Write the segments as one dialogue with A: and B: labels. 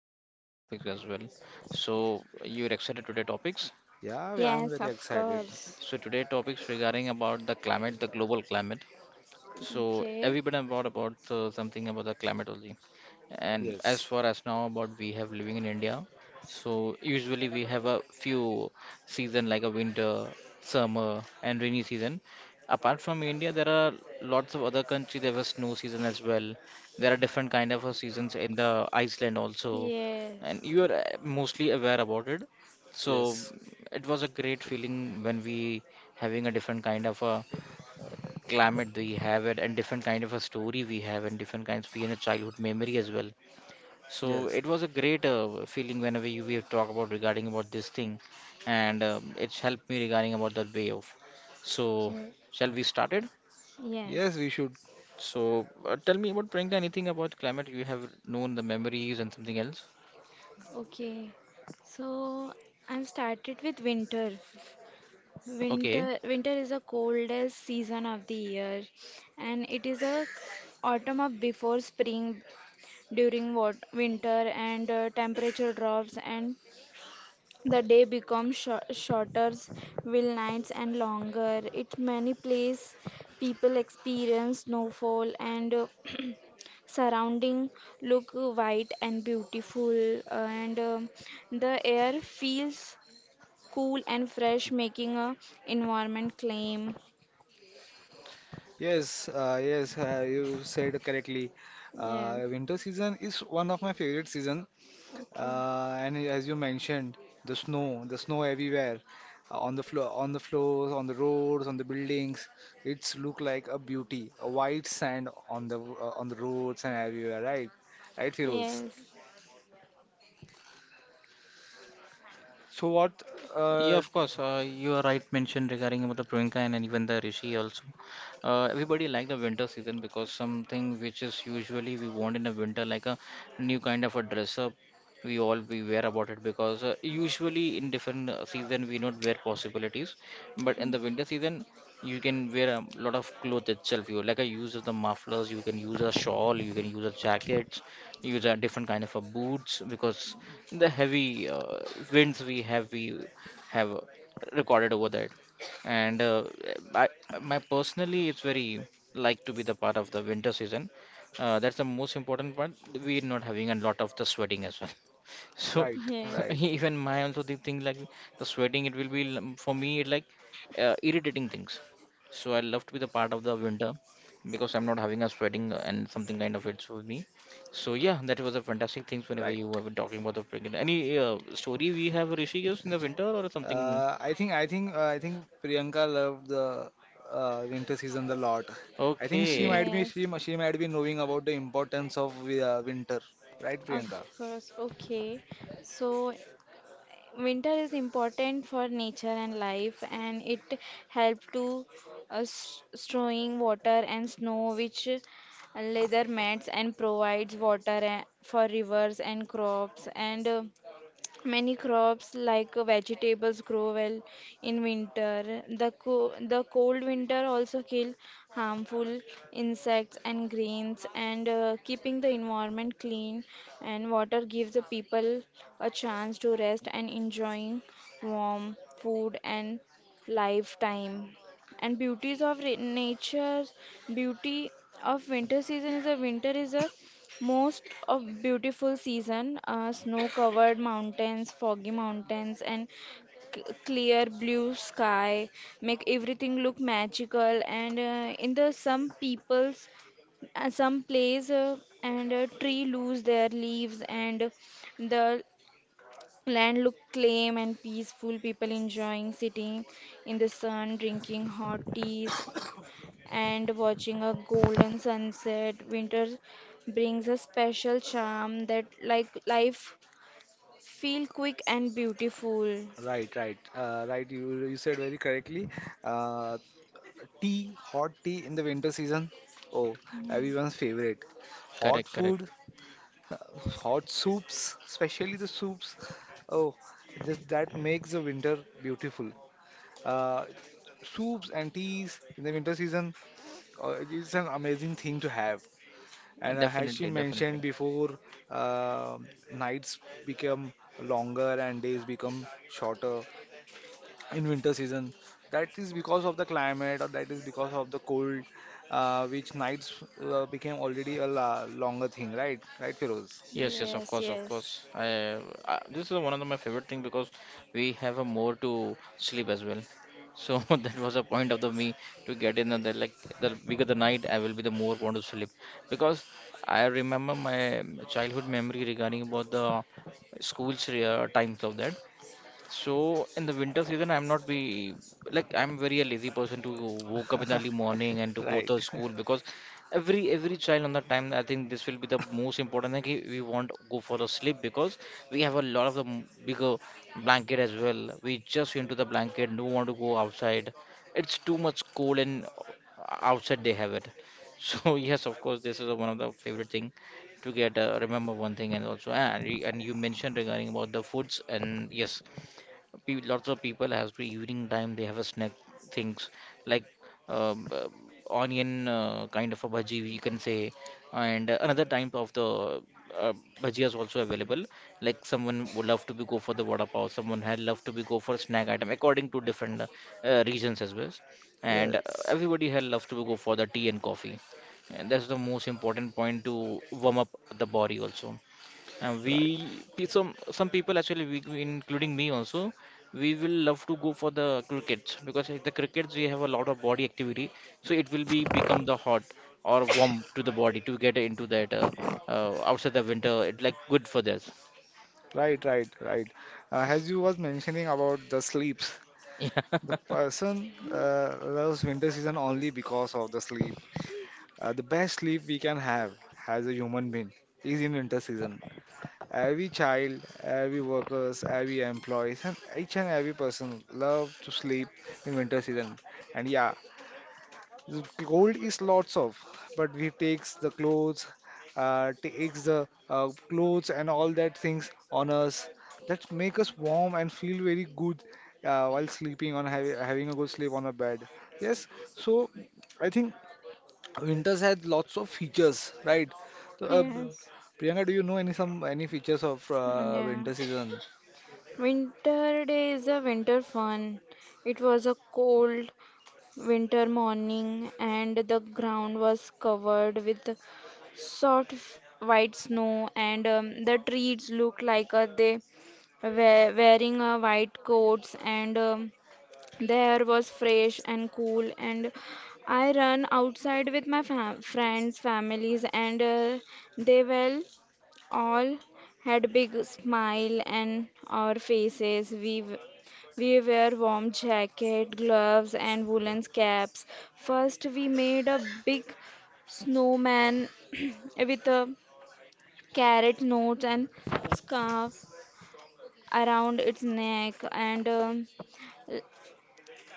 A: different different topics as well. So you're excited today topics.
B: Yeah, I'm
C: Yes,
B: very
C: of
B: excited.
C: course.
A: So today topics regarding about the climate, the global climate. So
C: Okay.
A: everybody brought about something about the climate only. And as
B: Yes,
A: far as now about we have living in India, so usually we have a few season like a winter, summer, and rainy season. Apart from India, there are lots of other countries. There was snow season as well. There are different kind of seasons in the Iceland also,
C: Yes.
A: and you are mostly aware about it. So
B: yes,
A: it was a great
B: true.
A: feeling when we having a different kind of a climate we have it, and different kind of a story we have, and different kinds of we in a childhood memory as well. So
B: Yes,
A: it was a great feeling whenever you we have talked about regarding about this thing. And it's helped me regarding about that way of. So
C: Okay.
A: shall we started?
B: yes,
C: Yes.
B: we should.
A: So tell me about Priyanka anything about climate you have known the memories and something else.
C: Okay. So I'm started with winter.
A: Okay.
C: Winter is the coldest season of the year, and it is a autumn of before spring during what winter and temperature drops and the day becomes shorter, will nights and longer. It many place people experience snowfall and surrounding look white and beautiful, and the air feels cool and fresh, making a environment claim.
B: Yes, yes, you said correctly.
C: Yes.
B: Winter season is one of my favorite season.
C: Okay.
B: And as you mentioned, the snow everywhere, on the floor, on the floors, on the roads, on the buildings. It's look like a beauty, a white sand on the roads and everywhere, right? Right, Firoz?
C: Yes.
B: So what?
A: Yeah,
B: Uh,
A: of course. You are right mentioned regarding about the Priyanka and, even the Rishi also. Everybody like the winter season because something which is usually we want in the winter like a new kind of a dress up. We all we wear about it because usually in different season we not wear possibilities, but in the winter season you can wear a lot of clothes itself. You like a use of the mufflers, you can use a shawl, you can use a jacket, use a different kind of a boots because the heavy winds we have recorded over that. And I, my personally, it's very like to be the part of the winter season. That's the most important part. We're not having a lot of the sweating as well. So
B: right,
C: Yes.
B: right,
A: even my also the thing like the sweating, it will be for me it like irritating things. So I love to be the part of the winter because I'm not having a sweating and something kind of it's with me. So yeah, that was a fantastic things whenever
B: right.
A: you were talking about the pregnant. Any story we have Rishikesh in the winter or something?
B: I think Priyanka loved the winter season a lot. I think she
A: Okay,
B: might be,
C: Yes.
B: she, mi- she might be knowing about the importance of winter, right,
C: Of
B: Priyanka?
C: course, okay. So winter is important for nature and life, and it helps to storing water and snow, which leather mats and provides water for rivers and crops, and many crops like vegetables grow well in winter. The cold winter also kill harmful insects and grains, and keeping the environment clean, and water gives the people a chance to rest and enjoying warm food and lifetime. And beauties of nature, beauty of winter season is a winter is a most of beautiful season are snow-covered mountains, foggy mountains, and clear blue sky make everything look magical. And in the some people's some place and a tree lose their leaves, and the land look calm and peaceful. People enjoying sitting in the sun, drinking hot teas, and watching a golden sunset. Winter brings a special charm that like life feel quick and beautiful.
B: Right, right, right. You said very correctly. Uh, Tea, hot tea in the winter season. Oh,
C: Yeah.
B: everyone's favorite. Hot
A: correct, correct.
B: food, hot soups, especially the soups. Oh, just that makes the winter beautiful. uh, Soups and teas in the winter season. It is an amazing thing to have. And as she
A: Definitely, definitely.
B: mentioned before, uh, nights become longer and days become shorter in winter season. That is because of the climate, or that is because of the cold, which nights became already a la longer thing, right? Right, Feroz?
A: Yes, yes, of
C: Yes,
A: course, of
C: yes.
A: course. This is one of the, my favorite thing because we have a more to sleep as well. So that was a point of the me to get in and the like the bigger the night I will be the more want to sleep because I remember my childhood memory regarding about the school's times of that. So in the winter season, I'm not be like I'm very a lazy person to woke up in the early morning and to go
B: Right.
A: to school because every child on the time I think this will be the most important thing. Ki We want to go for a sleep because we have a lot of the bigger blanket as well. We just into the blanket, don't want to go outside. It's too much cold and outside they have it. So yes, of course, this is one of the favorite thing to get remember one thing and also and you mentioned regarding about the foods and yes lots of people after evening time they have a snack things like um, uh, onion kind of a bhaji you can say and another type of the uh, bhaji is also available like someone would love to be go for the vada pav someone had love to be go for snack item according to different regions as well and
B: Yes,
A: everybody had love to go for the tea and coffee and that's the most important point to warm up the body also we
B: right.
A: some people actually, including me also, we will love to go for the crickets because at the crickets we have a lot of body activity, so it will be become the hot or warm to the body to get into that outside the winter. It like good for this.
B: Right, right, right. As you was mentioning about the sleeps,
A: Yeah.
B: the person loves winter season only because of the sleep. The best sleep we can have as a human being is in winter season. Every child, every workers, every employees, and each and every person love to sleep in winter season. And yeah, the Gold is lots of, but we takes the clothes and all that things on us that make us warm and feel very good while sleeping on having a good sleep on a bed. Yes, so I think winters had lots of features, right? So,
C: Yes.
B: Priyanka, do you know any features of
C: Yeah.
B: winter season?
C: Winter day is a winter fun. It was a cold winter morning, and the ground was covered with soft white snow, and the trees looked like they were wearing white coats, and the air was fresh and cool. And I ran outside with my fam friends, families, and they were all had big smile on our faces. We wear warm jacket, gloves, and woolen caps. First, we made a big snowman with a carrot nose and scarf around its neck, and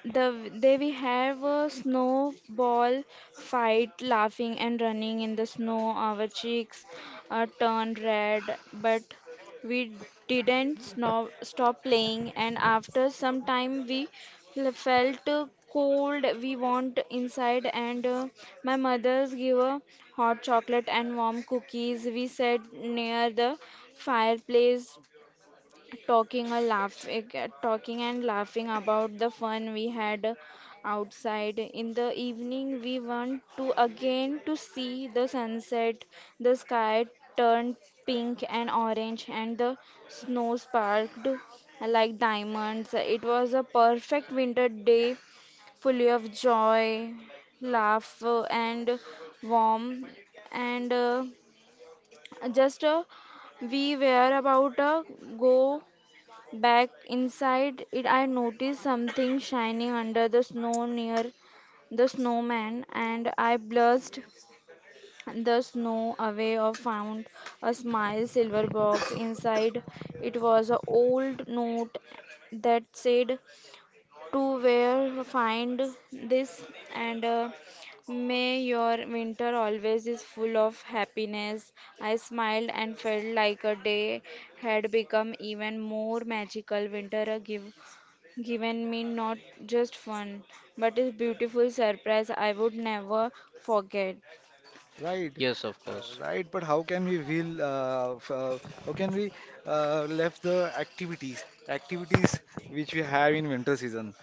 C: they we have a snowball fight, laughing and running in the snow. Our cheeks turned red, but we didn't snow, stop playing. And after some time, we felt cold. We want inside, and my mother's give a hot chocolate and warm cookies. We sat near the fireplace talking and laughing about the fun we had outside. In the evening, we went to again to see the sunset. The sky turned pink and orange, and the snow sparkled like diamonds. It was a perfect winter day, fully of joy, laugh and warm, and just we were about to go back inside it. I noticed something shining under the snow near the snowman, and I blushed the snow away or found a small silver box. Inside it was an old note that said, to where find this, and may your winter always is full of happiness. I smiled and felt like a day had become even more magical. Winter given me not just fun, but a beautiful surprise I would never forget.
B: Right,
A: Yes, of course.
B: right. But how can we will? How can we left the activities which we have in winter season?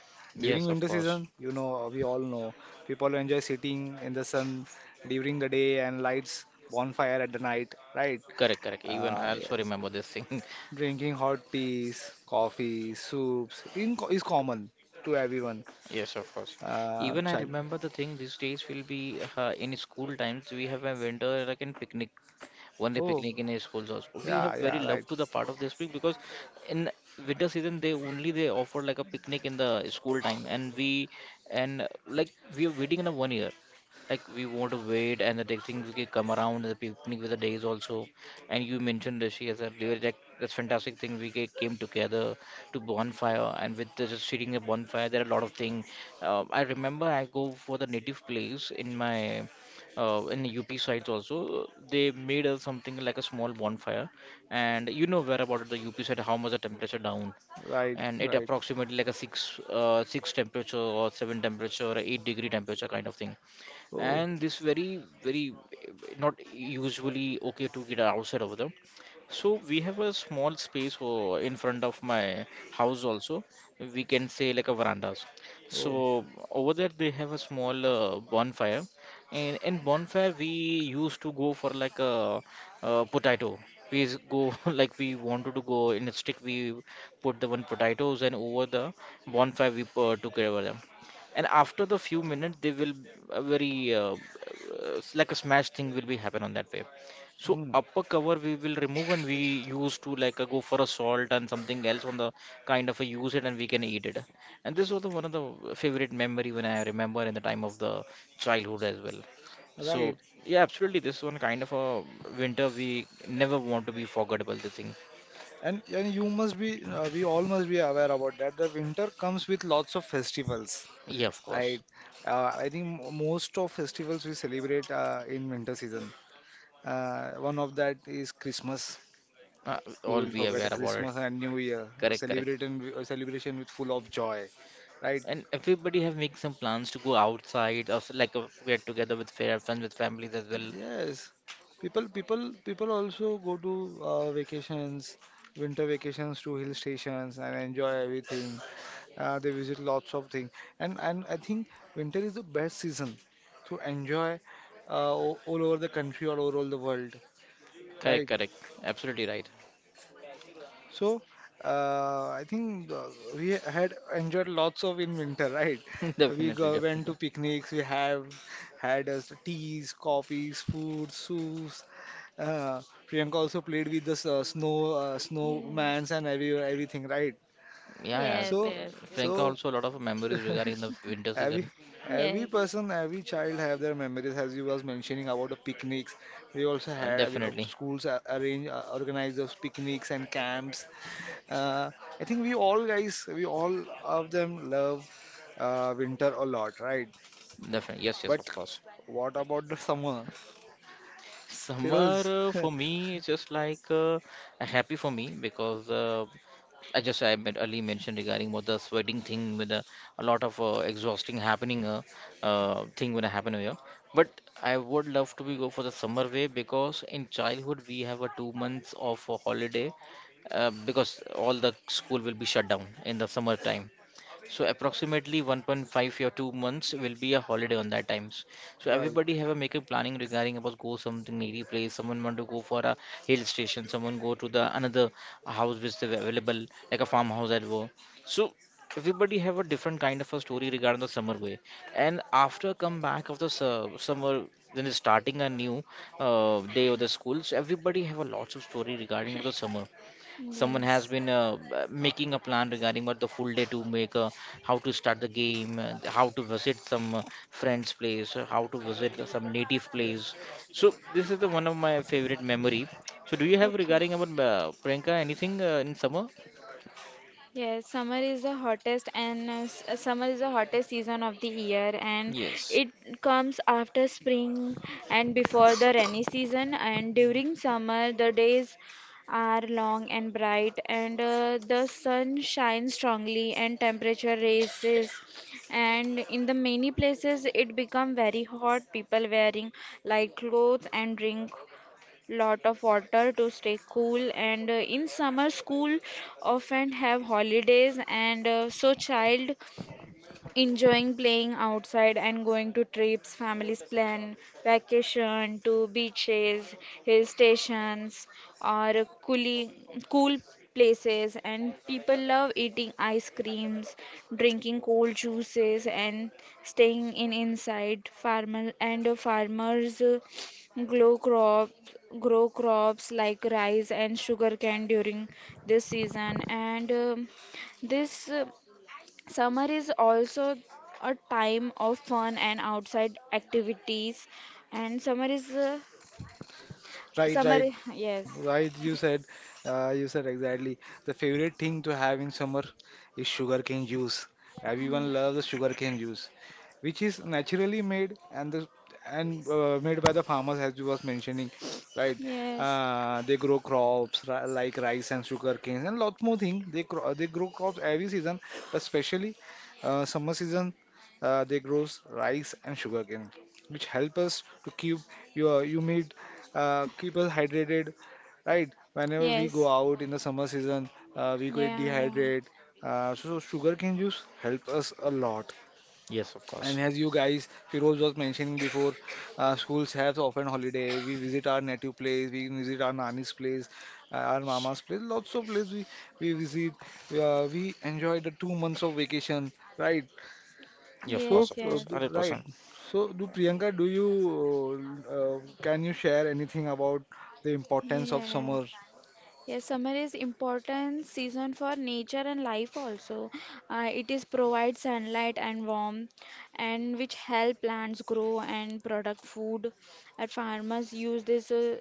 B: During
A: Yes, of
B: winter
A: course.
B: season, we all know people enjoy sitting in the sun during the day and lights bonfire at the night, right?
A: Correct, correct. Even I also
B: Yes.
A: remember this thing.
B: Drinking hot teas, coffee, soups in co is common to everyone.
A: Yes, of course. Even I
B: Child.
A: remember the thing these days will be in school times we have a winter like in picnic one day
B: Oh,
A: picnic in his schools also. We
B: yeah,
A: have very
B: yeah. Right,
A: love to the part of the spring because in winter season they only they offer like a picnic in the school time and we and like we are waiting in a one year like we want to wait and the next thing we can come around the picnic with the days also. And you mentioned Rishi as a leader like that's fantastic thing we came together to bonfire and with the, just sitting a bonfire there are a lot of thing. I remember I go for the native place in my in UP sides also, they made a, something like a small bonfire, and you know where about the UP side how much the temperature down,
B: right,
A: and it
B: right.
A: approximately like a six temperature or seven temperature or eight-degree temperature kind of thing,
B: Oh,
A: and this very very eh, not usually okay to get outside over there so we have a small space oh, in front of my house also. We can say like a verandas.
B: oh.
A: So over there they have a small bonfire, and in bonfire we used to go for like a, potato. We go like we wanted to go in a stick. We put the one potatoes and over the bonfire we took over them. And after the few minutes, they will a very like a smash thing will be happen on that way. So
B: Mm,
A: upper cover we will remove and we use to like go for a salt and something else on the kind of a use it and we can eat it. And this was the, one of the favorite memory when I remember in the time of the childhood as well.
B: right.
A: So yeah, absolutely, this one kind of a winter we never want to be forgettable. The thing,
B: And you must be we all must be aware about that. The winter comes with lots of festivals,
A: yeah, of
B: right?
A: course,
B: I think most of festivals we celebrate in winter season. One of that is Christmas. Who
A: all
B: will
A: we
B: forget the
A: aware
C: Yes.
A: about it.
B: Christmas and New Year? The
A: Correct, correct.
B: celebration with full of joy, right?
A: And everybody have make some plans to go outside or like get together with fair friends with families as well.
B: Yes. People also go to vacations, winter vacations to hill stations and enjoy everything. They visit lots of things, and I think winter is the best season to enjoy all over the country, or all over all the world,
A: Correct,
B: right?
A: correct. Absolutely right.
B: So, I think we had enjoyed lots of in winter, right? We
A: Definitely,
B: go, went to
A: definitely.
B: picnics, we have had us teas, coffees, food, soups. Uh, Priyanka also played with the snow snowmans and everything, right?
A: Yeah, yeah.
C: Yes.
B: So
C: Yes.
A: Priyanka
B: so.
A: also a lot of memories regarding the
C: Yes.
A: winter
B: Every
A: season.
B: every
C: Yes.
B: person, every child have their memories. As you was mentioning about the picnics, they also
A: And
B: had
A: definitely,
B: schools a- arrange organize those picnics and camps. Uh, I think we all guys, we all of them love winter a lot, right?
A: definitely. Yes, yes,
B: But
A: of course.
B: what about the summer,
A: Summer
B: Feroz?
A: for me is just like a happy for me because I just I met early mentioned regarding about the sweating thing with the, a lot of exhausting happening thing when I happen here. But I would love to be go for the summer way because in childhood we have a 2 months of a holiday because all the school will be shut down in the summer time. So approximately 1.5 or 2 months will be a holiday on that times. So
B: Right,
A: everybody have a make a planning regarding about go something needy place. Someone want to go for a hill station. Someone go to the another house which is available like a farmhouse at war. So everybody have a different kind of a story regarding the summer way. And after come back of the summer, then is starting a new day of the school. So everybody have a lots of story regarding of the summer someone has
C: Yes.
A: been making a plan regarding what the full day to make how to start the game how to visit some friends place or how to visit some native place so this is the one of my favorite memory so do you have
C: Okay.
A: regarding about Priyanka anything in summer
C: Yes, summer is the hottest and summer is the hottest season of the year, and
A: Yes.
C: it comes after spring and before the rainy season, and during summer the days are long and bright, and the sun shines strongly and temperature rises, and in the many places it become very hot. People wearing light clothes and drink lot of water to stay cool, and in summer school often have holidays, and so child enjoying playing outside and going to trips. Families plan vacation to beaches, hill stations, or cooling, cool places, and people love eating ice creams, drinking cold juices, and staying in inside farmer, and farmers grow crop grow crops like rice and sugarcane during this season, and this summer is also a time of fun and outside activities, and summer is
B: right,
C: summer.
B: right,
C: Yes,
B: right. You said exactly. The favorite thing to have in summer is sugarcane juice. Everyone loves the sugarcane juice. Which is naturally made and the and made by the farmers as you was mentioning, right?
C: yes,
B: They grow crops like rice and sugar canes and lots more things they grow crops every season, but especially summer season. They grows rice and sugar cane which help us to keep your you meat keep us hydrated, right? Whenever we
C: yes,
B: go out in the summer season, we get
C: yeah, yeah,
B: dehydrated. So sugarcane juice help us a lot.
A: Yes, of
B: And
A: course.
B: as you guys, Firoz, was mentioning before, schools have often holiday. We visit our native place, we visit our nani's place, our mama's place, lots of places we visit. We enjoy the 2 months of vacation, right?
A: Yeah, of
B: So,
A: course,
C: yes,
A: of course,
C: yes,
B: right.
A: 100%,
B: So, do Priyanka, do you, can you share anything about the importance of
C: yes.
B: summer?
C: Yes, summer is important season for nature and life also. It is provide sunlight and warmth, and which help plants grow and product food. And farmers use this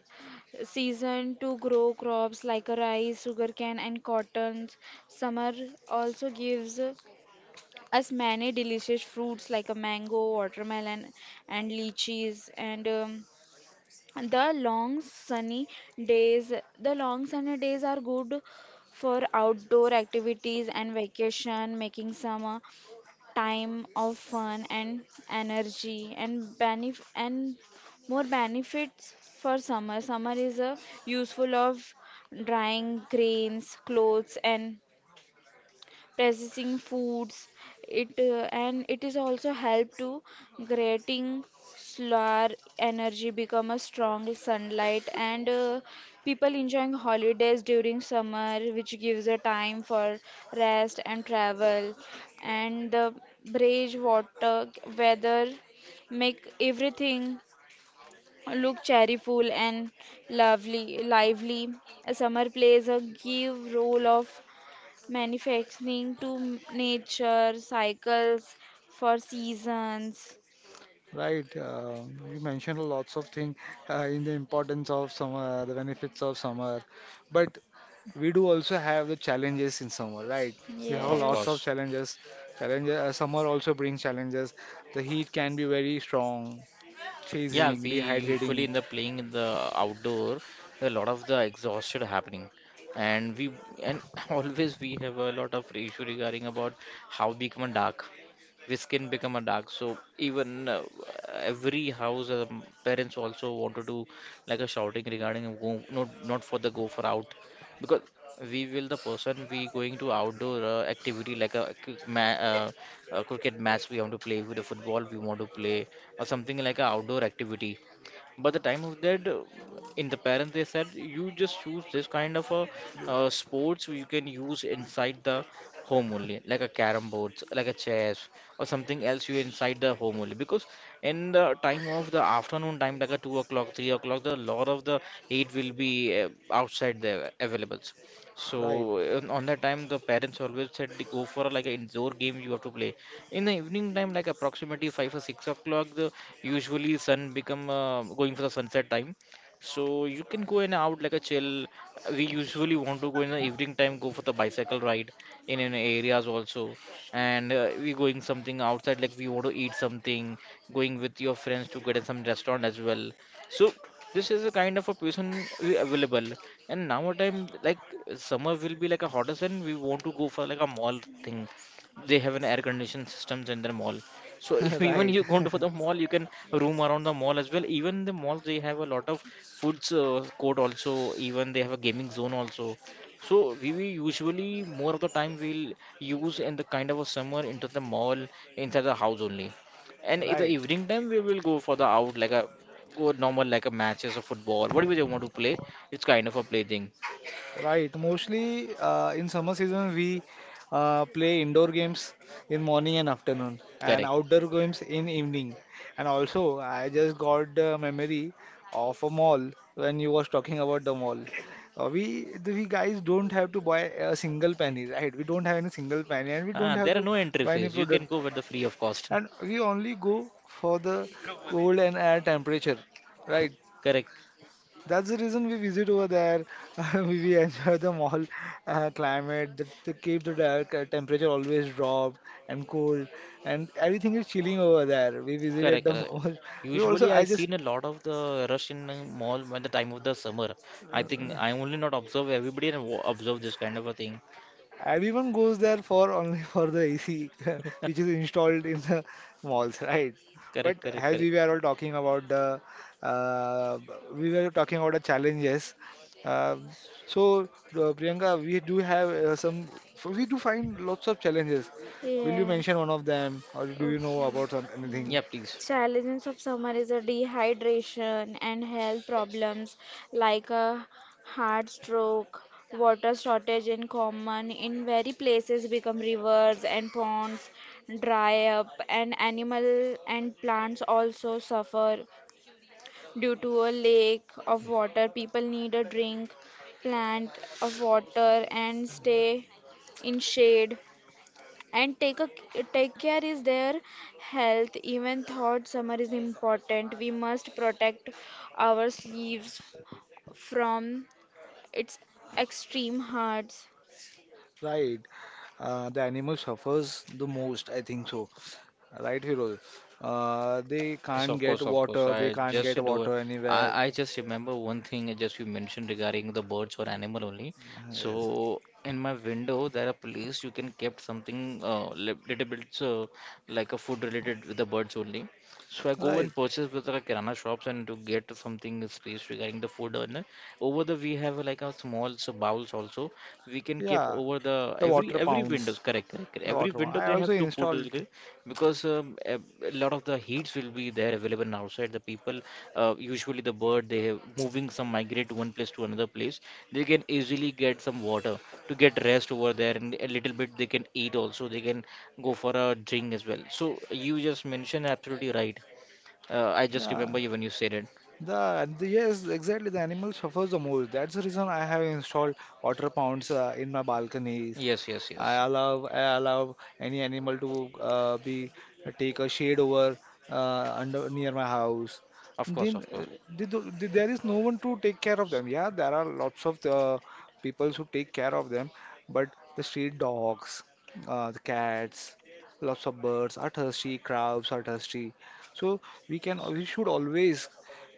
C: season to grow crops like rice, sugarcane, and cotton. Summer also gives us many delicious fruits like a mango, watermelon, and lychees, and the long sunny days, the long sunny days are good for outdoor activities and vacation, making summer time of fun and energy and benef and more benefits for summer. Summer is a useful of drying grains, clothes, and processing foods. It and it is also help to creating solar energy become a strong sunlight, and people enjoying holidays during summer, which gives a time for rest and travel, and the bridge water weather make everything look cheerful and lovely lively. A summer plays a give role of manufacturing to nature, cycles for seasons.
B: Right, you mentioned lots of things in the importance of summer, the benefits of summer. But we do also have the challenges in summer, right? We have
A: of
B: lots
C: Yes,
B: of
A: course.
B: challenges. Challenges, summer also brings challenges. The heat can be very strong,
A: Yeah,
B: chasing,
A: we usually
B: dehydrating,
A: in the playing in the outdoor, a lot of the exhaustion happening, and we and always we have a lot of issue regarding about how become dark, the skin become a dark. So even every house, parents also want to do like a shouting regarding a go, not for the go for out. Because we will the person we going to outdoor activity like a, a cricket match we want to play, with the football we want to play, or something like a outdoor activity. But the time of that, in the parents, they said you just choose this kind of a sports you can use inside the home only, like a carom boards, like a chess, or something else you inside the home only. Because in the time of the afternoon time, like a 2 o'clock, 3 o'clock, the lot of the heat will be outside there available.
B: right?
A: So on that time, the parents always said go for like an indoor game you have to play. In the evening time, like approximately 5 or 6 o'clock, the usually sun become going for the sunset time, so you can go and out like a chill. We usually want to go in the evening time, go for the bicycle ride in areas also. And we going something outside like we want to eat something, going with your friends to get in some restaurant as well. So this is a kind of a person we available. And now time like summer will be like a hottest, and we want to go for like a mall thing. They have an air conditioned systems in their mall. So if even
B: Right,
A: you go to for the mall, you can roam around the mall as well. Even the malls, they have a lot of foods court also, even they have a gaming zone also. So we usually more of the time we'll use in the kind of a summer into the mall, inside the house only. And in the
B: right.
A: evening time we will go for the out like a go normal, like a matches of football, whatever they want to play. It's kind of a play thing.
B: Right. Mostly, in summer season we play indoor games in morning and afternoon, and
A: Correct.
B: outdoor games in evening. And also, I just got the memory of a mall when you was talking about the mall. We guys don't have to buy a single penny, right? We don't have any single penny, and we
A: Ah,
B: don't have
A: there are
B: to
A: no entry
B: buy any
A: fees, you can go
B: product,
A: with the free of cost.
B: and we only go for the cold and air temperature, right?
A: Correct.
B: That's the reason we visit over there. We enjoy the mall, climate that they keep the dark, temperature always dropped and cold, and everything is chilling over there. We visited
A: Correct,
B: the
A: correct.
B: mall. We also
A: Usually,
B: I
A: I've
B: just
A: seen a lot of the rush in the mall when the time of the summer. I think I only not observe everybody and observe this kind of a thing.
B: Everyone goes there for only for the AC, which is installed in the malls, right?
A: Correct,
B: But
A: correct,
B: as
A: correct.
B: we were all talking uh, about the challenges. Um so, Priyanka, we do find lots of challenges. Will you
C: yes.
B: mention one of them, or do you know
C: Okay.
B: about
C: Yeah.
B: anything?
A: Yeah, please.
C: Challenges of summer is a dehydration and health problems like a heart stroke. Water shortage in common in very places become rivers and ponds dry up, and animal and plants also suffer due to a lack of water. People need a drink, plant of water, and stay in shade, and take care is their health. Even thought summer is important, we must protect our sleeves from its extreme hearts.
B: Right. The animal suffers the most, I think so. Right, Hero. They
A: Yes,
B: can't
A: of
B: get
A: course, of course.
B: water, they
A: I
B: can't
A: just
B: get
A: do.
B: water anywhere.
A: I just remember one thing, just you mentioned regarding the birds or animal only.
B: Yes.
A: So in my window there are place you can kept something little bit like a food related with the birds only. So I go
B: Right.
A: and purchase with the kirana shops and to get something space regarding the food. And over the we have like a small so bowls also, we can keep
B: Yeah.
A: over the
B: The
A: every
B: water
A: every
B: pounds.
A: windows. Correct, correct, correct.
B: The
A: Every
B: water pound.
A: window
B: I
A: they
B: also
A: have to put
B: installed.
A: like, because a lot of the heats will be there available, and outside the people usually the bird moving some migrate to one place to another place. They can easily get some water to get rest over there, and a little bit they can eat also, they can go for a drink as well. So you just mentioned absolutely right. I just
B: Yeah.
A: remember you when you said it.
B: The yes, exactly. The animal suffers the most. That's the reason I have installed water pounds, in my balcony.
A: Yes, yes,
B: I
A: yes.
B: allow I allow any animal to be take a shade over, under near my house.
A: Of course,
B: Then
A: of course.
B: they do, there is no one to take care of them. Yeah, there are lots of the people who take care of them, but the street dogs, the cats, lots of birds are thirsty, crabs are thirsty. So we should always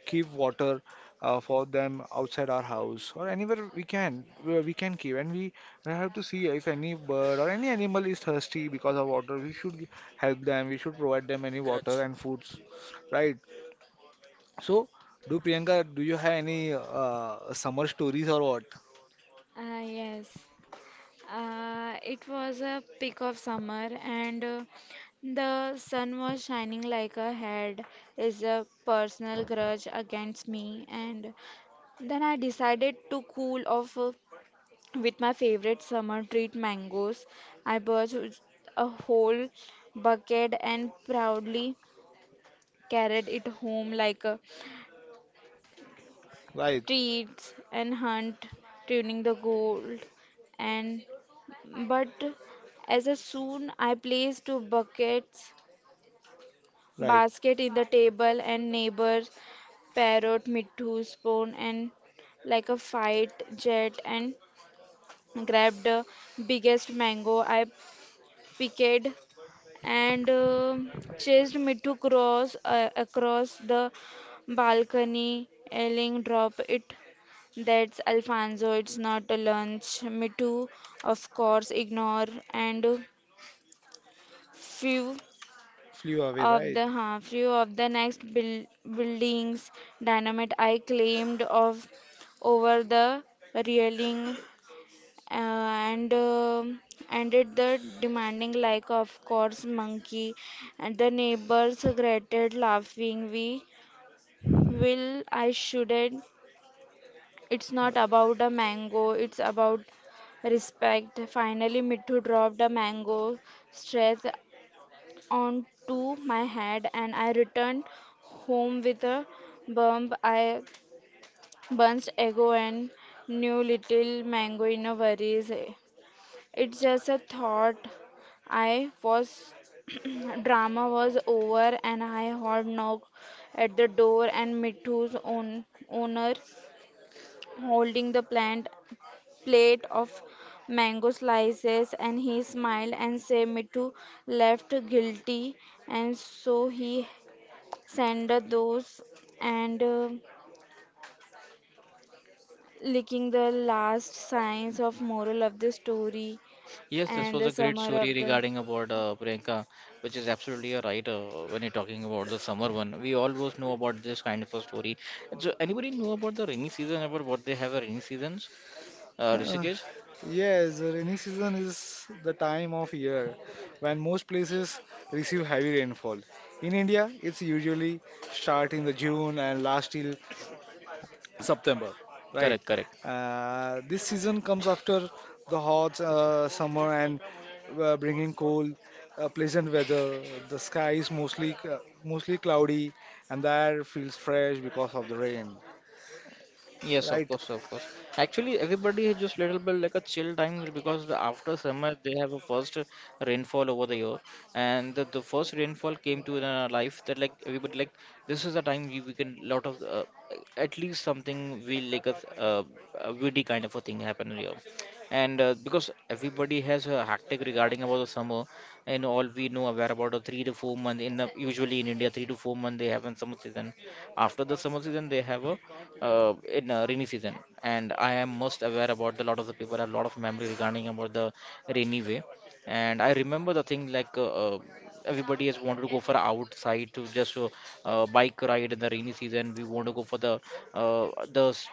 B: keep water for them outside our house or anywhere we can where we can keep. And I have to see if any bird or any animal is thirsty because of water, we should help them, we should provide them any water and foods, right? So, do Priyanka, do you have any summer stories or what?
C: Ah, yes. It was a peak of summer, and the sun was shining like a head is a personal grudge against me. And then I decided to cool off with my favorite summer treat, mangoes. I bought a whole bucket and proudly carried it home like a
B: Right,
C: treat and hunt, tuning the gold and but as a soon I placed two buckets,
B: right.
C: basket in the table, and neighbors, parrot, mittu, spoon, and like a fight jet, and grabbed the biggest mango I picked, and chased Mittu cross across the balcony, yelling, "Drop it! That's Alfonso. It's not a lunch." Mittu, of course, ignore, and few.
B: Flew
C: Of
B: away,
C: the half view of the next building's dynamite I claimed of over the railing, uh, and ended the demanding like of course monkey, and the neighbors grated laughing. We will I shouldn't, it's not about a mango, it's about respect. Finally, Mittu dropped a mango stress onto my head, and I returned home with a bump. I bunched ego and knew little mango in a worries. It's just a thought. I was drama was over, and I heard knock at the door, and Mithu's own owner holding the plant plate of mango slices, and he smiled and said Mithu left guilty, and so he send those, and licking the last signs of moral of the story
A: Yes, this
C: and
A: was
C: the
A: a great
C: summer
A: story
C: of the.
A: regarding about Priyanka, which is absolutely right. Uh, when you're talking about the summer one, we always know about this kind of a story. So anybody know about the rainy season, about what they have a rainy seasons?
B: right?
A: Rishikesh?
B: Yes, the rainy season is the time of year when most places receive heavy rainfall. In India, it's usually start in the June and last till September, right?
A: Correct, correct.
B: This season comes after the hot summer and bringing cold, pleasant weather. The sky is mostly cloudy, and the air feels fresh because of the rain.
A: Yes, of
B: Right,
A: course, of course. Actually, everybody has just little bit like a chill time, because the after summer they have a first rainfall over the year. And the first rainfall came to in our life, that like everybody like this is the time we can lot of at least something will like a witty kind of a thing happen here. And because everybody has a hectic regarding about the summer, and all we know aware about the 3 to 4 month in the usually in India 3 to 4 month they have in summer season. After the summer season they have a in rainy season. And I am most aware about the lot of the people have a lot of memory regarding about the rainy way. And I remember the thing like everybody has wanted to go for outside to just bike ride. In the rainy season we want to go for the uh, the s-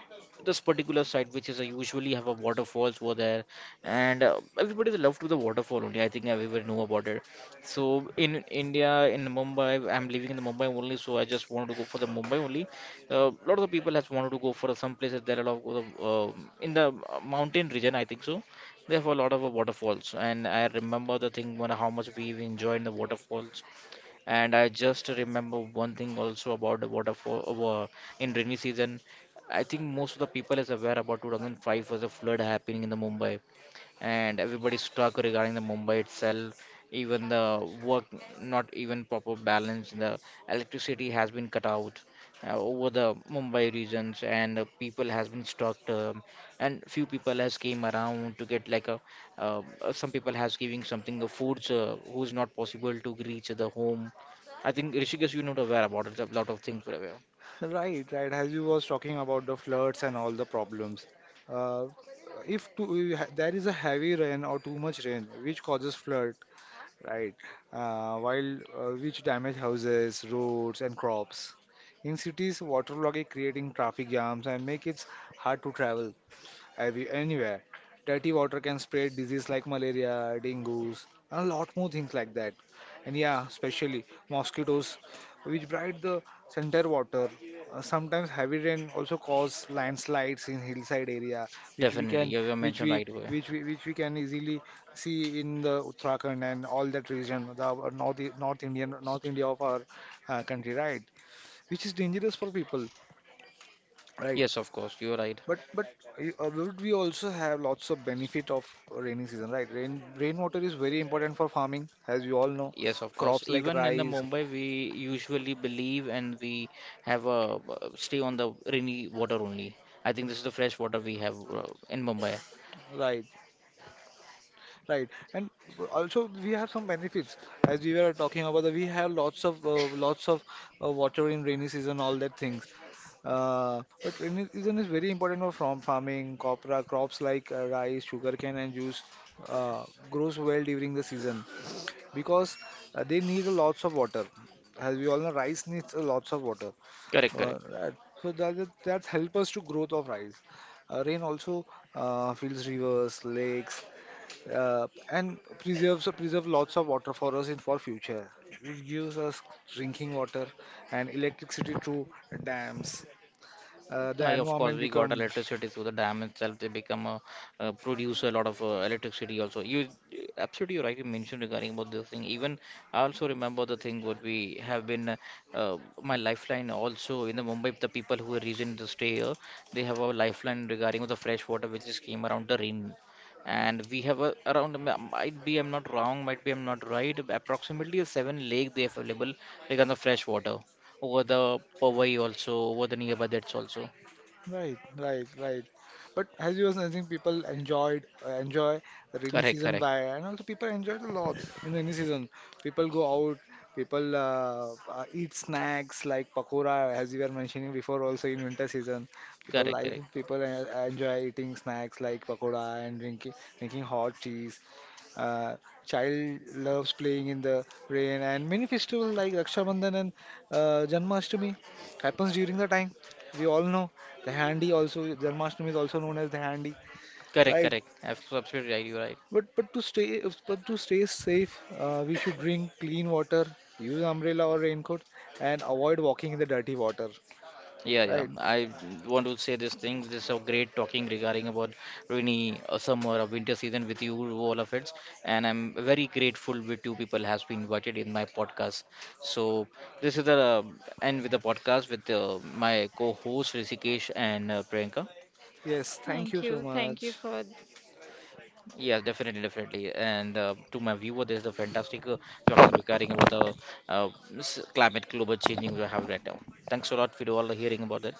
A: this particular site which is usually have a waterfalls over there. And everybody is loved to the waterfall only, I think everybody know about it. So in india, in mumbai, I'm living in the mumbai only, so I just want to go for the mumbai only. A lot of people has wanted to go for some places. There are a lot of in the mountain region I think so. There were a lot of waterfalls, and I remember the thing when how much we enjoyed the waterfalls. And I just remember one thing also about the waterfall uh, in rainy season. I think most of the people is aware about 2005 was a flood happening in the mumbai, and everybody's stuck regarding the Mumbai itself. Even the work, not even proper balance. The electricity has been cut out over the Mumbai regions. And people has been stuck. And Few people has came around to get like a. Some people has giving something the foods who's not possible to reach the home. I think Rishikesh, you're not aware about it. A lot of things were aware.
B: right, right. As you was talking about the floods and all the problems, uh, if too, there is a heavy rain or too much rain which causes flood, right? While Which damage houses, roads, and crops. In cities, water logging creating traffic jams and make it hard to travel anywhere. Dirty water can spread disease like malaria, dengue, and a lot more things like that. And yeah, especially mosquitoes, which bright the center water. Sometimes heavy rain also cause landslides in hillside area, which we
A: Definitely,
B: can,
A: you have
B: which
A: mentioned
B: we,
A: right away.
B: which we, which we can easily see in the Uttarakhand and all that region, the North Indian, North India of our country, right? Which is dangerous for people, right?
A: Yes, of course, you're right.
B: But would we also have lots of benefit of rainy season, right? Rainwater is very important for farming, as you all know.
A: Yes, of course.
B: Crops like
A: Even in the
B: rice,
A: Mumbai, we usually believe and we have a stay on the rainy water only. I think this is the fresh water we have in Mumbai.
B: right, right, and also we have some benefits. As we were talking about, that we have lots of water in rainy season, all that things. But rainy season is very important for from farming. Copra crops like rice, sugarcane, and juice uh, grows well during the season because they need a lots of water. As we all know, rice needs a lots of water.
A: Correct, correct.
B: Right. So that help us to growth of rice. Rain also fills rivers, lakes, and preserve lots of water for us in for future. It gives us drinking water and electricity through dams.
A: I,
B: The
A: of course,
B: environment
A: we got
B: become.
A: electricity through the dam itself. They become a, produce a lot of electricity also. You absolutely right, you mentioned regarding about this thing. Even I also remember the thing what we have been uh, my lifeline also in the Mumbai. The people who are reason to stay here, they have a lifeline regarding the fresh water which is came around the rain. And we have a, around might be I'm not wrong, might be I'm not right, approximately a seven lake they have available regarding the fresh water, over the Powai also, over the nearby that's also.
B: Right, right, right. But as you were saying, people enjoy the rainy
A: Correct,
B: season
A: correct,
B: by, and also people enjoyed a lot in rainy season. People go out, people eat snacks like pakora, as you were mentioning before, also in winter season. People
A: correct, correct,
B: like people uh, enjoy eating snacks like pakora and drinking hot cheese. Uh, Child loves playing in the rain, and many festivals like Raksha Bandhan and Janmashtami happens during the time. We all know. The handi also, Janmashtami is also known as the handi,
A: correct,
B: right?
A: correct. Absolutely right, you're right.
B: But to stay safe, we should drink clean water, use umbrella or raincoat, and avoid walking in the dirty water,
A: Yeah, yeah.
B: right?
A: I want to say this thing. This is a great talking regarding about rainy, summer, or winter season with you, all of it. And I'm very grateful with two people has been invited in my podcast. So this is the end with the podcast with my co-host Rishikesh and Priyanka.
B: Yes, thank you so
C: Thank you
B: much.
C: for
A: Yeah, definitely, definitely. And to my viewer, this is a fantastic talking regarding about the uh, climate global changing we have right now. Thanks a lot for all the hearing about that.